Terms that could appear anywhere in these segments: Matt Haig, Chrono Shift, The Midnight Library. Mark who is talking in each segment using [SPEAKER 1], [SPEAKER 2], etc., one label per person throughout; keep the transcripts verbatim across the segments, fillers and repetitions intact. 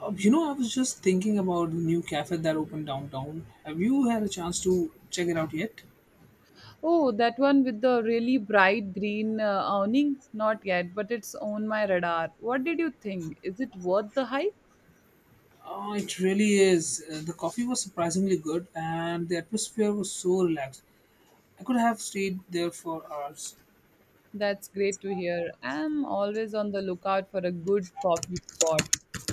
[SPEAKER 1] Uh, you know, I was just thinking about the new cafe that opened downtown. Have you had a chance to check it out yet?
[SPEAKER 2] Oh, that one with the really bright green uh, awning? Not yet, but it's on my radar. What did you think? Is it worth the hype?
[SPEAKER 1] Uh, it really is. Uh, the coffee was surprisingly good, and the atmosphere was so relaxed. I could have stayed there for hours.
[SPEAKER 2] That's great to hear. I'm always on the lookout for a good coffee spot.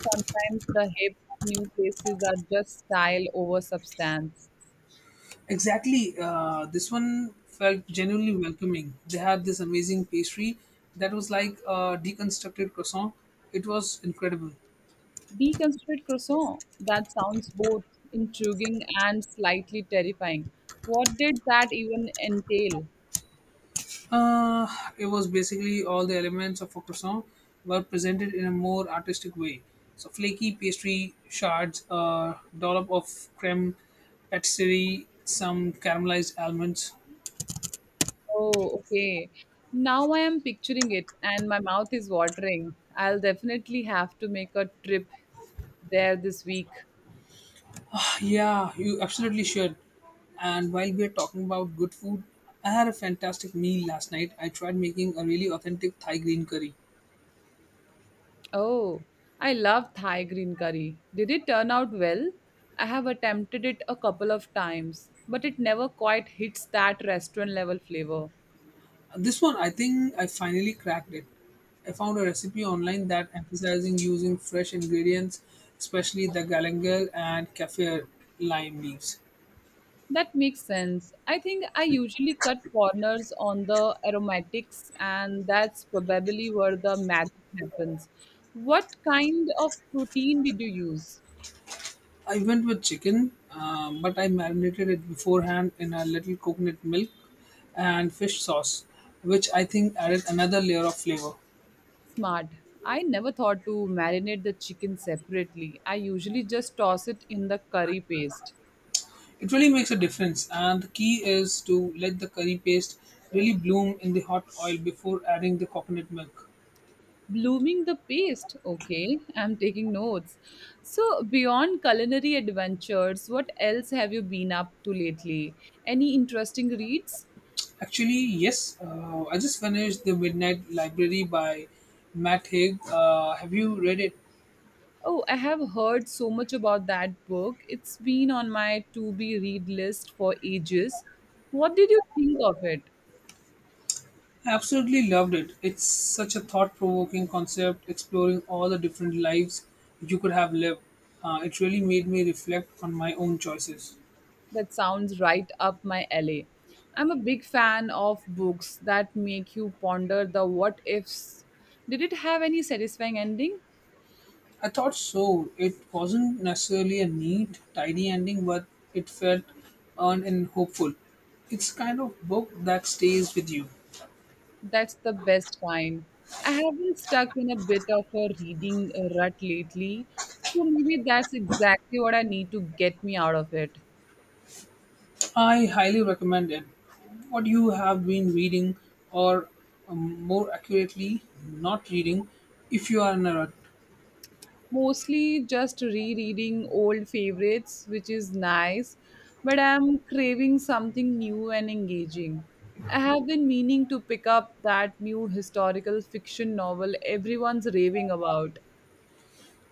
[SPEAKER 2] Sometimes the hip new places are just style over substance.
[SPEAKER 1] Exactly. Uh, this one felt genuinely welcoming. They had this amazing pastry that was like a deconstructed croissant. It was incredible.
[SPEAKER 2] Deconstructed croissant. That sounds both intriguing and slightly terrifying. What did that even entail?
[SPEAKER 1] Uh, it was basically all the elements of a croissant were presented in a more artistic way. So flaky pastry shards, a dollop of creme patisserie, some caramelized almonds.
[SPEAKER 2] Oh, okay. Now I am picturing it and my mouth is watering. I'll definitely have to make a trip there this week.
[SPEAKER 1] Yeah, you absolutely should. And while we are talking about good food, I had a fantastic meal last night. I tried making a really authentic Thai green curry.
[SPEAKER 2] Oh, I love Thai green curry. Did it turn out well? I have attempted it a couple of times, but it never quite hits that restaurant level flavor.
[SPEAKER 1] This one, I think I finally cracked it. I found a recipe online that emphasizing using fresh ingredients, especially the galangal and kaffir lime leaves.
[SPEAKER 2] That makes sense. I think I usually cut corners on the aromatics, and that's probably where the magic happens. What kind of protein did you use?
[SPEAKER 1] I went with chicken, uh, but I marinated it beforehand in a little coconut milk and fish sauce, which I think added another layer of flavor.
[SPEAKER 2] Smart. I never thought to marinate the chicken separately. I usually just toss it in the curry paste.
[SPEAKER 1] It really makes a difference, and the key is to let the curry paste really bloom in the hot oil before adding the coconut milk.
[SPEAKER 2] Blooming the paste. Okay, I'm taking notes. So, beyond culinary adventures, what else have you been up to lately? Any interesting reads?
[SPEAKER 1] Actually, yes. Uh, I just finished The Midnight Library by Matt Haig. Uh, have you read it?
[SPEAKER 2] Oh, I have heard so much about that book. It's been on my to be read list for ages. What did you think of it?
[SPEAKER 1] I absolutely loved it. It's such a thought provoking concept, exploring all the different lives you could have lived. Uh, it really made me reflect on my own choices.
[SPEAKER 2] That sounds right up my alley. I'm a big fan of books that make you ponder the what ifs. Did it have any satisfying ending?
[SPEAKER 1] I thought so. It wasn't necessarily a neat, tidy ending, but it felt earned and hopeful. It's kind of book that stays with you.
[SPEAKER 2] That's the best kind. I have been stuck in a bit of a reading rut lately, so maybe that's exactly what I need to get me out of it.
[SPEAKER 1] I highly recommend it. What you have been reading, or um, more accurately, not reading, if you are in a rut.
[SPEAKER 2] Mostly just rereading old favorites, which is nice, but I'm craving something new and engaging. I have been meaning to pick up that new historical fiction novel everyone's raving about.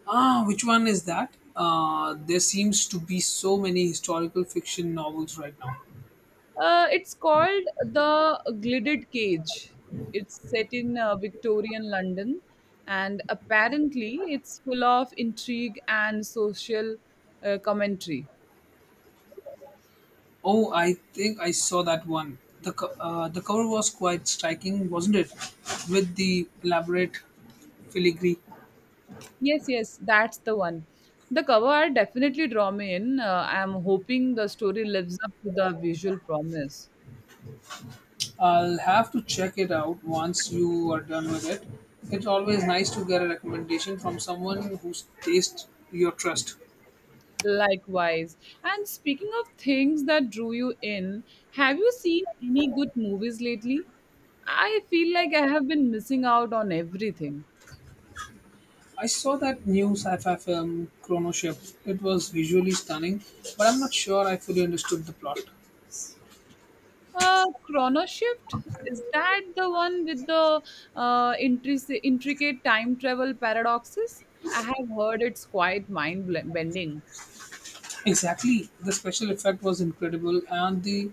[SPEAKER 1] Ah, which one is that? Uh, there seems to be so many historical fiction novels right now.
[SPEAKER 2] Uh, it's called The Gilded Cage. It's set in uh, Victorian London, and apparently, it's full of intrigue and social uh, commentary.
[SPEAKER 1] Oh, I think I saw that one. The, co- uh, the cover was quite striking, wasn't it? With the elaborate filigree.
[SPEAKER 2] Yes, yes, that's the one. The cover art definitely draw me in. Uh, I'm hoping the story lives up to the visual promise.
[SPEAKER 1] I'll have to check it out once you are done with it. It's always nice to get a recommendation from someone whose taste your trust.
[SPEAKER 2] Likewise. And speaking of things that drew you in, have you seen any good movies lately? I feel like I have been missing out on everything.
[SPEAKER 1] I saw that new sci-fi film Chrono Shift. It was visually stunning, but I'm not sure I fully understood the plot.
[SPEAKER 2] Uh, Chrono Shift, is that the one with the uh, intric- intricate time travel paradoxes? I have heard it's quite mind bending.
[SPEAKER 1] Exactly. The special effect was incredible and the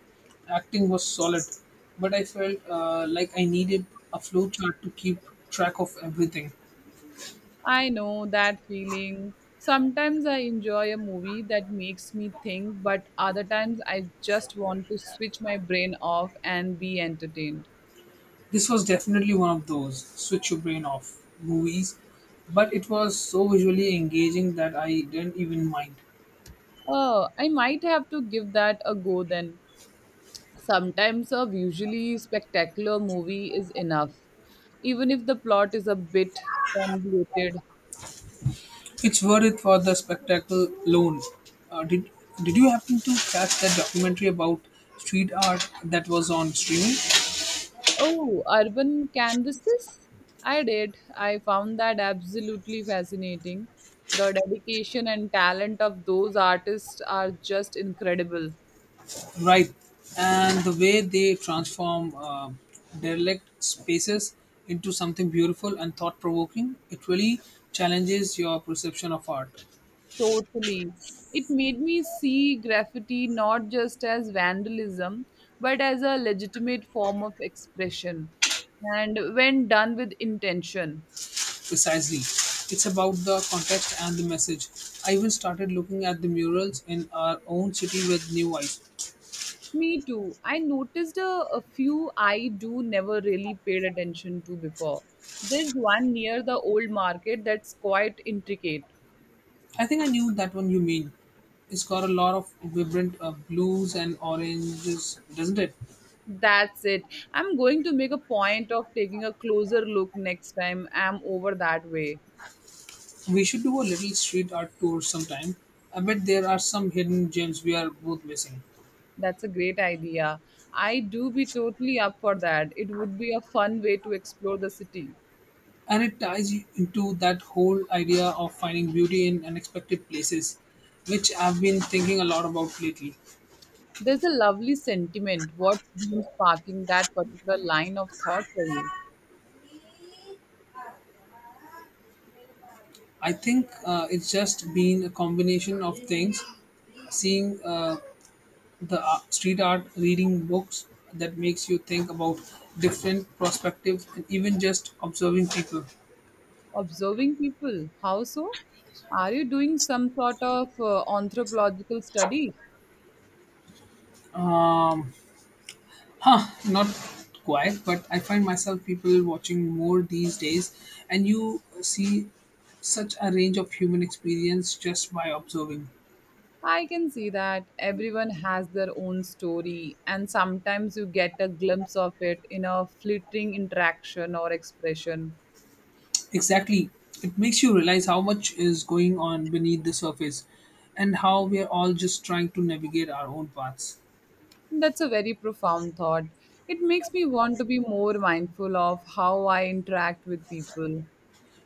[SPEAKER 1] acting was solid, but I felt uh, like I needed a flow chart to keep track of everything.
[SPEAKER 2] I know that feeling. Sometimes I enjoy a movie that makes me think, but other times I just want to switch my brain off and be entertained.
[SPEAKER 1] This was definitely one of those switch your brain off movies, but it was so visually engaging that I didn't even mind.
[SPEAKER 2] Oh, I might have to give that a go then. Sometimes a visually spectacular movie is enough, even if the plot is a bit convoluted.
[SPEAKER 1] It's worth it for the spectacle alone. Uh, did Did you happen to catch that documentary about street art that was on streaming?
[SPEAKER 2] Oh, urban canvases? I did. I found that absolutely fascinating. The dedication and talent of those artists are just incredible.
[SPEAKER 1] Right, and the way they transform uh, derelict spaces into something beautiful and thought provoking, it really challenges your perception of art.
[SPEAKER 2] Totally. It made me see graffiti not just as vandalism, but as a legitimate form of expression, and when done with intention.
[SPEAKER 1] Precisely. It's about the context and the message. I even started looking at the murals in our own city with new eyes.
[SPEAKER 2] Me too. I noticed a, a few I do never really paid attention to before. There's one near the old market that's quite intricate.
[SPEAKER 1] I think I knew that one you mean. It's got a lot of vibrant uh, blues and oranges, doesn't it?
[SPEAKER 2] That's it. I'm going to make a point of taking a closer look next time I'm over that way.
[SPEAKER 1] We should do a little street art tour sometime. I bet there are some hidden gems we are both missing.
[SPEAKER 2] That's a great idea. I do be totally up for that. It would be a fun way to explore the city.
[SPEAKER 1] And it ties you into that whole idea of finding beauty in unexpected places, which I've been thinking a lot about lately.
[SPEAKER 2] There's a lovely sentiment. What's been sparking that particular line of thought for you?
[SPEAKER 1] I think uh, it's just been a combination of things, seeing uh, the ar- street art, reading books that makes you think about different perspectives, and even just observing people.
[SPEAKER 2] Observing people. How so? Are you doing some sort of uh, anthropological study?
[SPEAKER 1] Um, huh, not quite, but I find myself people watching more these days, and you see such a range of human experience just by observing.
[SPEAKER 2] I can see that everyone has their own story, and sometimes you get a glimpse of it in a fleeting interaction or expression.
[SPEAKER 1] Exactly. It makes you realize how much is going on beneath the surface and how we're all just trying to navigate our own paths.
[SPEAKER 2] That's a very profound thought. It makes me want to be more mindful of how I interact with people.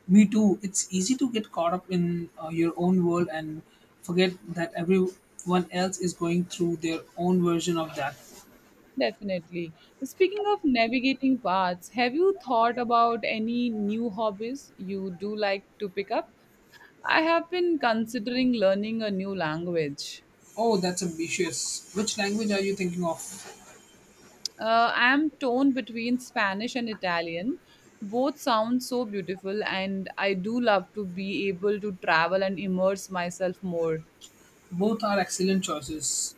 [SPEAKER 1] Me too. It's easy to get caught up in uh, your own world and forget that everyone else is going through their own version of that.
[SPEAKER 2] Definitely. Speaking of navigating paths, have you thought about any new hobbies you do like to pick up? I have been considering learning a new language.
[SPEAKER 1] Oh, that's ambitious. Which language are you thinking of?
[SPEAKER 2] Uh, I am torn between Spanish and Italian. Both sound so beautiful, and I do love to be able to travel and immerse myself more.
[SPEAKER 1] Both are excellent choices.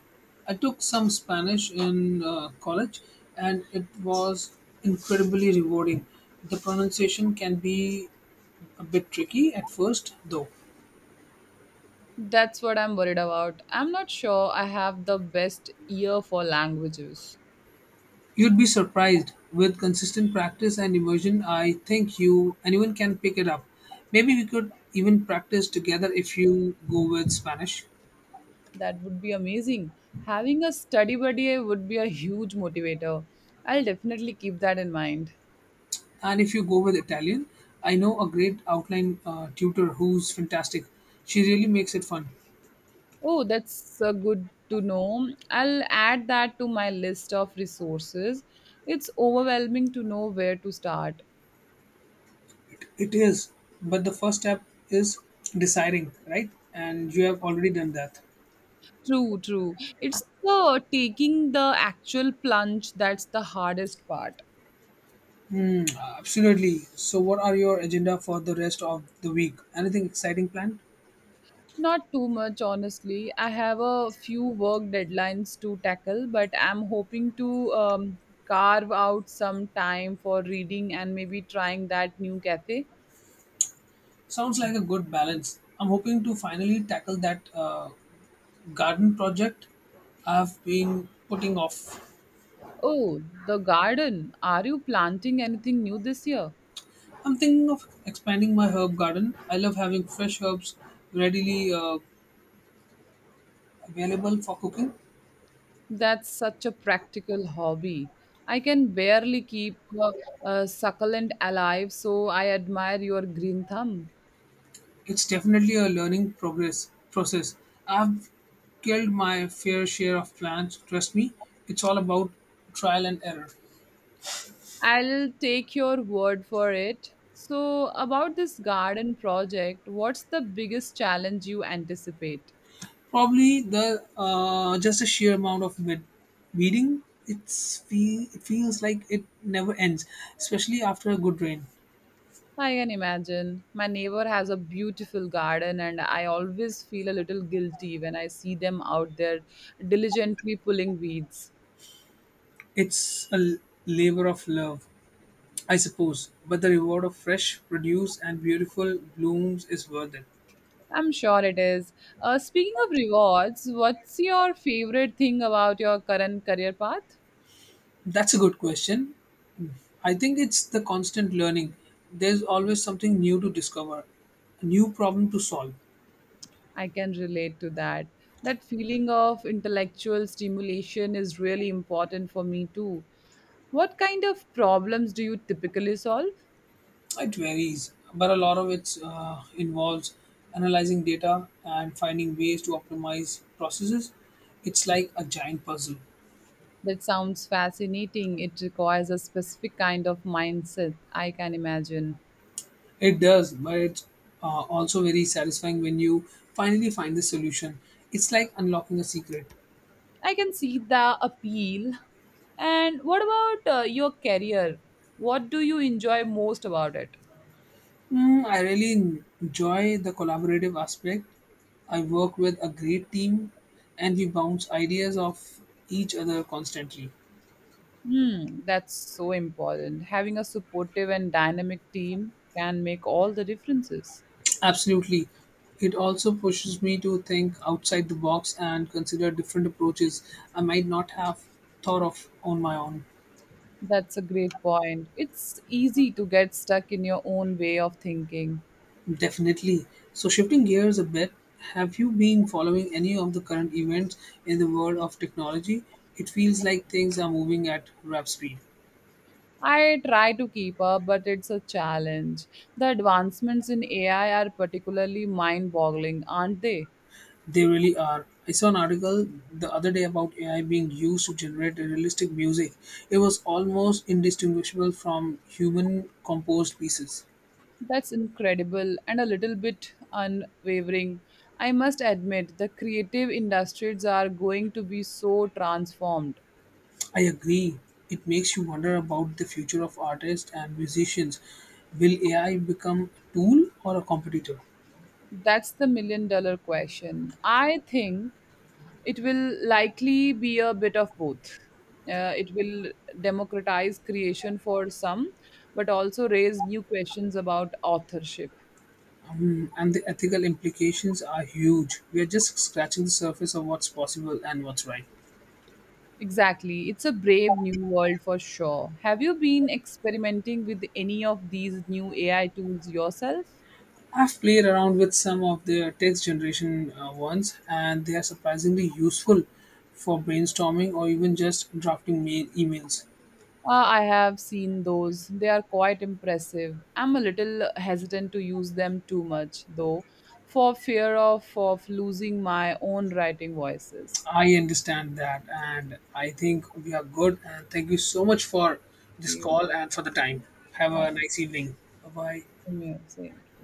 [SPEAKER 1] I took some Spanish in uh, college and it was incredibly rewarding. The pronunciation can be a bit tricky at first, though.
[SPEAKER 2] That's what I'm worried about. I'm not sure I have the best ear for languages.
[SPEAKER 1] You'd be surprised with consistent practice and immersion. I think you anyone can pick it up. Maybe we could even practice together if you go with Spanish
[SPEAKER 2] That would be amazing. Having a study buddy would be a huge motivator. I'll definitely keep that in mind.
[SPEAKER 1] and if you go with Italian. I know a great outline uh, tutor who's fantastic. She really makes it fun.
[SPEAKER 2] Oh, that's uh, good to know. I'll add that to my list of resources. It's overwhelming to know where to start.
[SPEAKER 1] It is, but the first step is deciding, right? And you have already done that.
[SPEAKER 2] True, true. It's the taking the actual plunge that's the hardest part.
[SPEAKER 1] Uh, Absolutely. So, what are your agenda for the rest of the week? Anything exciting planned?
[SPEAKER 2] Not too much, honestly. I have a few work deadlines to tackle, but I'm hoping to um, carve out some time for reading and maybe trying that new cafe.
[SPEAKER 1] Sounds like a good balance. I'm hoping to finally tackle that uh, garden project I've been putting off.
[SPEAKER 2] Oh, the garden. Are you planting anything new this year?
[SPEAKER 1] I'm thinking of expanding my herb garden. I love having fresh herbs readily uh, available for cooking.
[SPEAKER 2] That's such a practical hobby. I can barely keep a, a succulent alive, so I admire your green thumb.
[SPEAKER 1] It's definitely a learning progress process. I've killed my fair share of plans. Trust me, it's all about trial and error.
[SPEAKER 2] I'll take your word for it. So, about this garden project, what's the biggest challenge you anticipate?
[SPEAKER 1] Probably the uh, just a sheer amount of weed- weeding. It's feel, it feels like it never ends, especially after a good rain.
[SPEAKER 2] I can imagine. My neighbor has a beautiful garden, and I always feel a little guilty when I see them out there diligently pulling weeds.
[SPEAKER 1] It's a l- labor of love, I suppose, but the reward of fresh produce and beautiful blooms is worth it.
[SPEAKER 2] I'm sure it is. Uh, speaking of rewards, what's your favorite thing about your current career path?
[SPEAKER 1] That's a good question. I think it's the constant learning. There's always something new to discover, a new problem to solve.
[SPEAKER 2] I can relate to that. That feeling of intellectual stimulation is really important for me too. What kind of problems do you typically solve?
[SPEAKER 1] It varies, but a lot of it uh, involves analyzing data and finding ways to optimize processes. It's like a giant puzzle.
[SPEAKER 2] That sounds fascinating. It requires a specific kind of mindset, I can imagine.
[SPEAKER 1] It does, but it's uh, also very satisfying when you finally find the solution. It's like unlocking a secret.
[SPEAKER 2] I can see the appeal. And what about uh, your career? What do you enjoy most about it?
[SPEAKER 1] Mm, I really en- enjoy the collaborative aspect. I work with a great team and we bounce ideas off each other constantly.
[SPEAKER 2] Hmm, that's so important. Having a supportive and dynamic team can make all the differences.
[SPEAKER 1] Absolutely. It also pushes me to think outside the box and consider different approaches I might not have thought of on my own.
[SPEAKER 2] That's a great point. It's easy to get stuck in your own way of thinking.
[SPEAKER 1] Definitely. So, shifting gears a bit, have you been following any of the current events in the world of technology? It feels like things are moving at rap speed.
[SPEAKER 2] I try to keep up, but it's a challenge. The advancements in A I are particularly mind boggling, aren't they?
[SPEAKER 1] They really are. I saw an article the other day about A I being used to generate realistic music. It was almost indistinguishable from human composed pieces.
[SPEAKER 2] That's incredible and a little bit unwavering. I must admit, the creative industries are going to be so transformed.
[SPEAKER 1] I agree. It makes you wonder about the future of artists and musicians. Will A I become a tool or a competitor?
[SPEAKER 2] That's the million dollar question. I think it will likely be a bit of both. Uh, it will democratize creation for some, but also raise new questions about authorship.
[SPEAKER 1] And the ethical implications are huge. We are just scratching the surface of what's possible and what's right.
[SPEAKER 2] Exactly. It's a brave new world for sure. Have you been experimenting with any of these new A I tools yourself?
[SPEAKER 1] I've played around with some of the text generation uh, ones, and they are surprisingly useful for brainstorming or even just drafting mail emails.
[SPEAKER 2] Uh, I have seen those. They are quite impressive. I'm a little hesitant to use them too much, though, for fear of, of losing my own writing voices.
[SPEAKER 1] I understand that, and I think we are good. And thank you so much for this
[SPEAKER 2] You,
[SPEAKER 1] call and for the time. Have a
[SPEAKER 2] thank
[SPEAKER 1] nice
[SPEAKER 2] you
[SPEAKER 1] evening. Bye bye.
[SPEAKER 2] for your saying.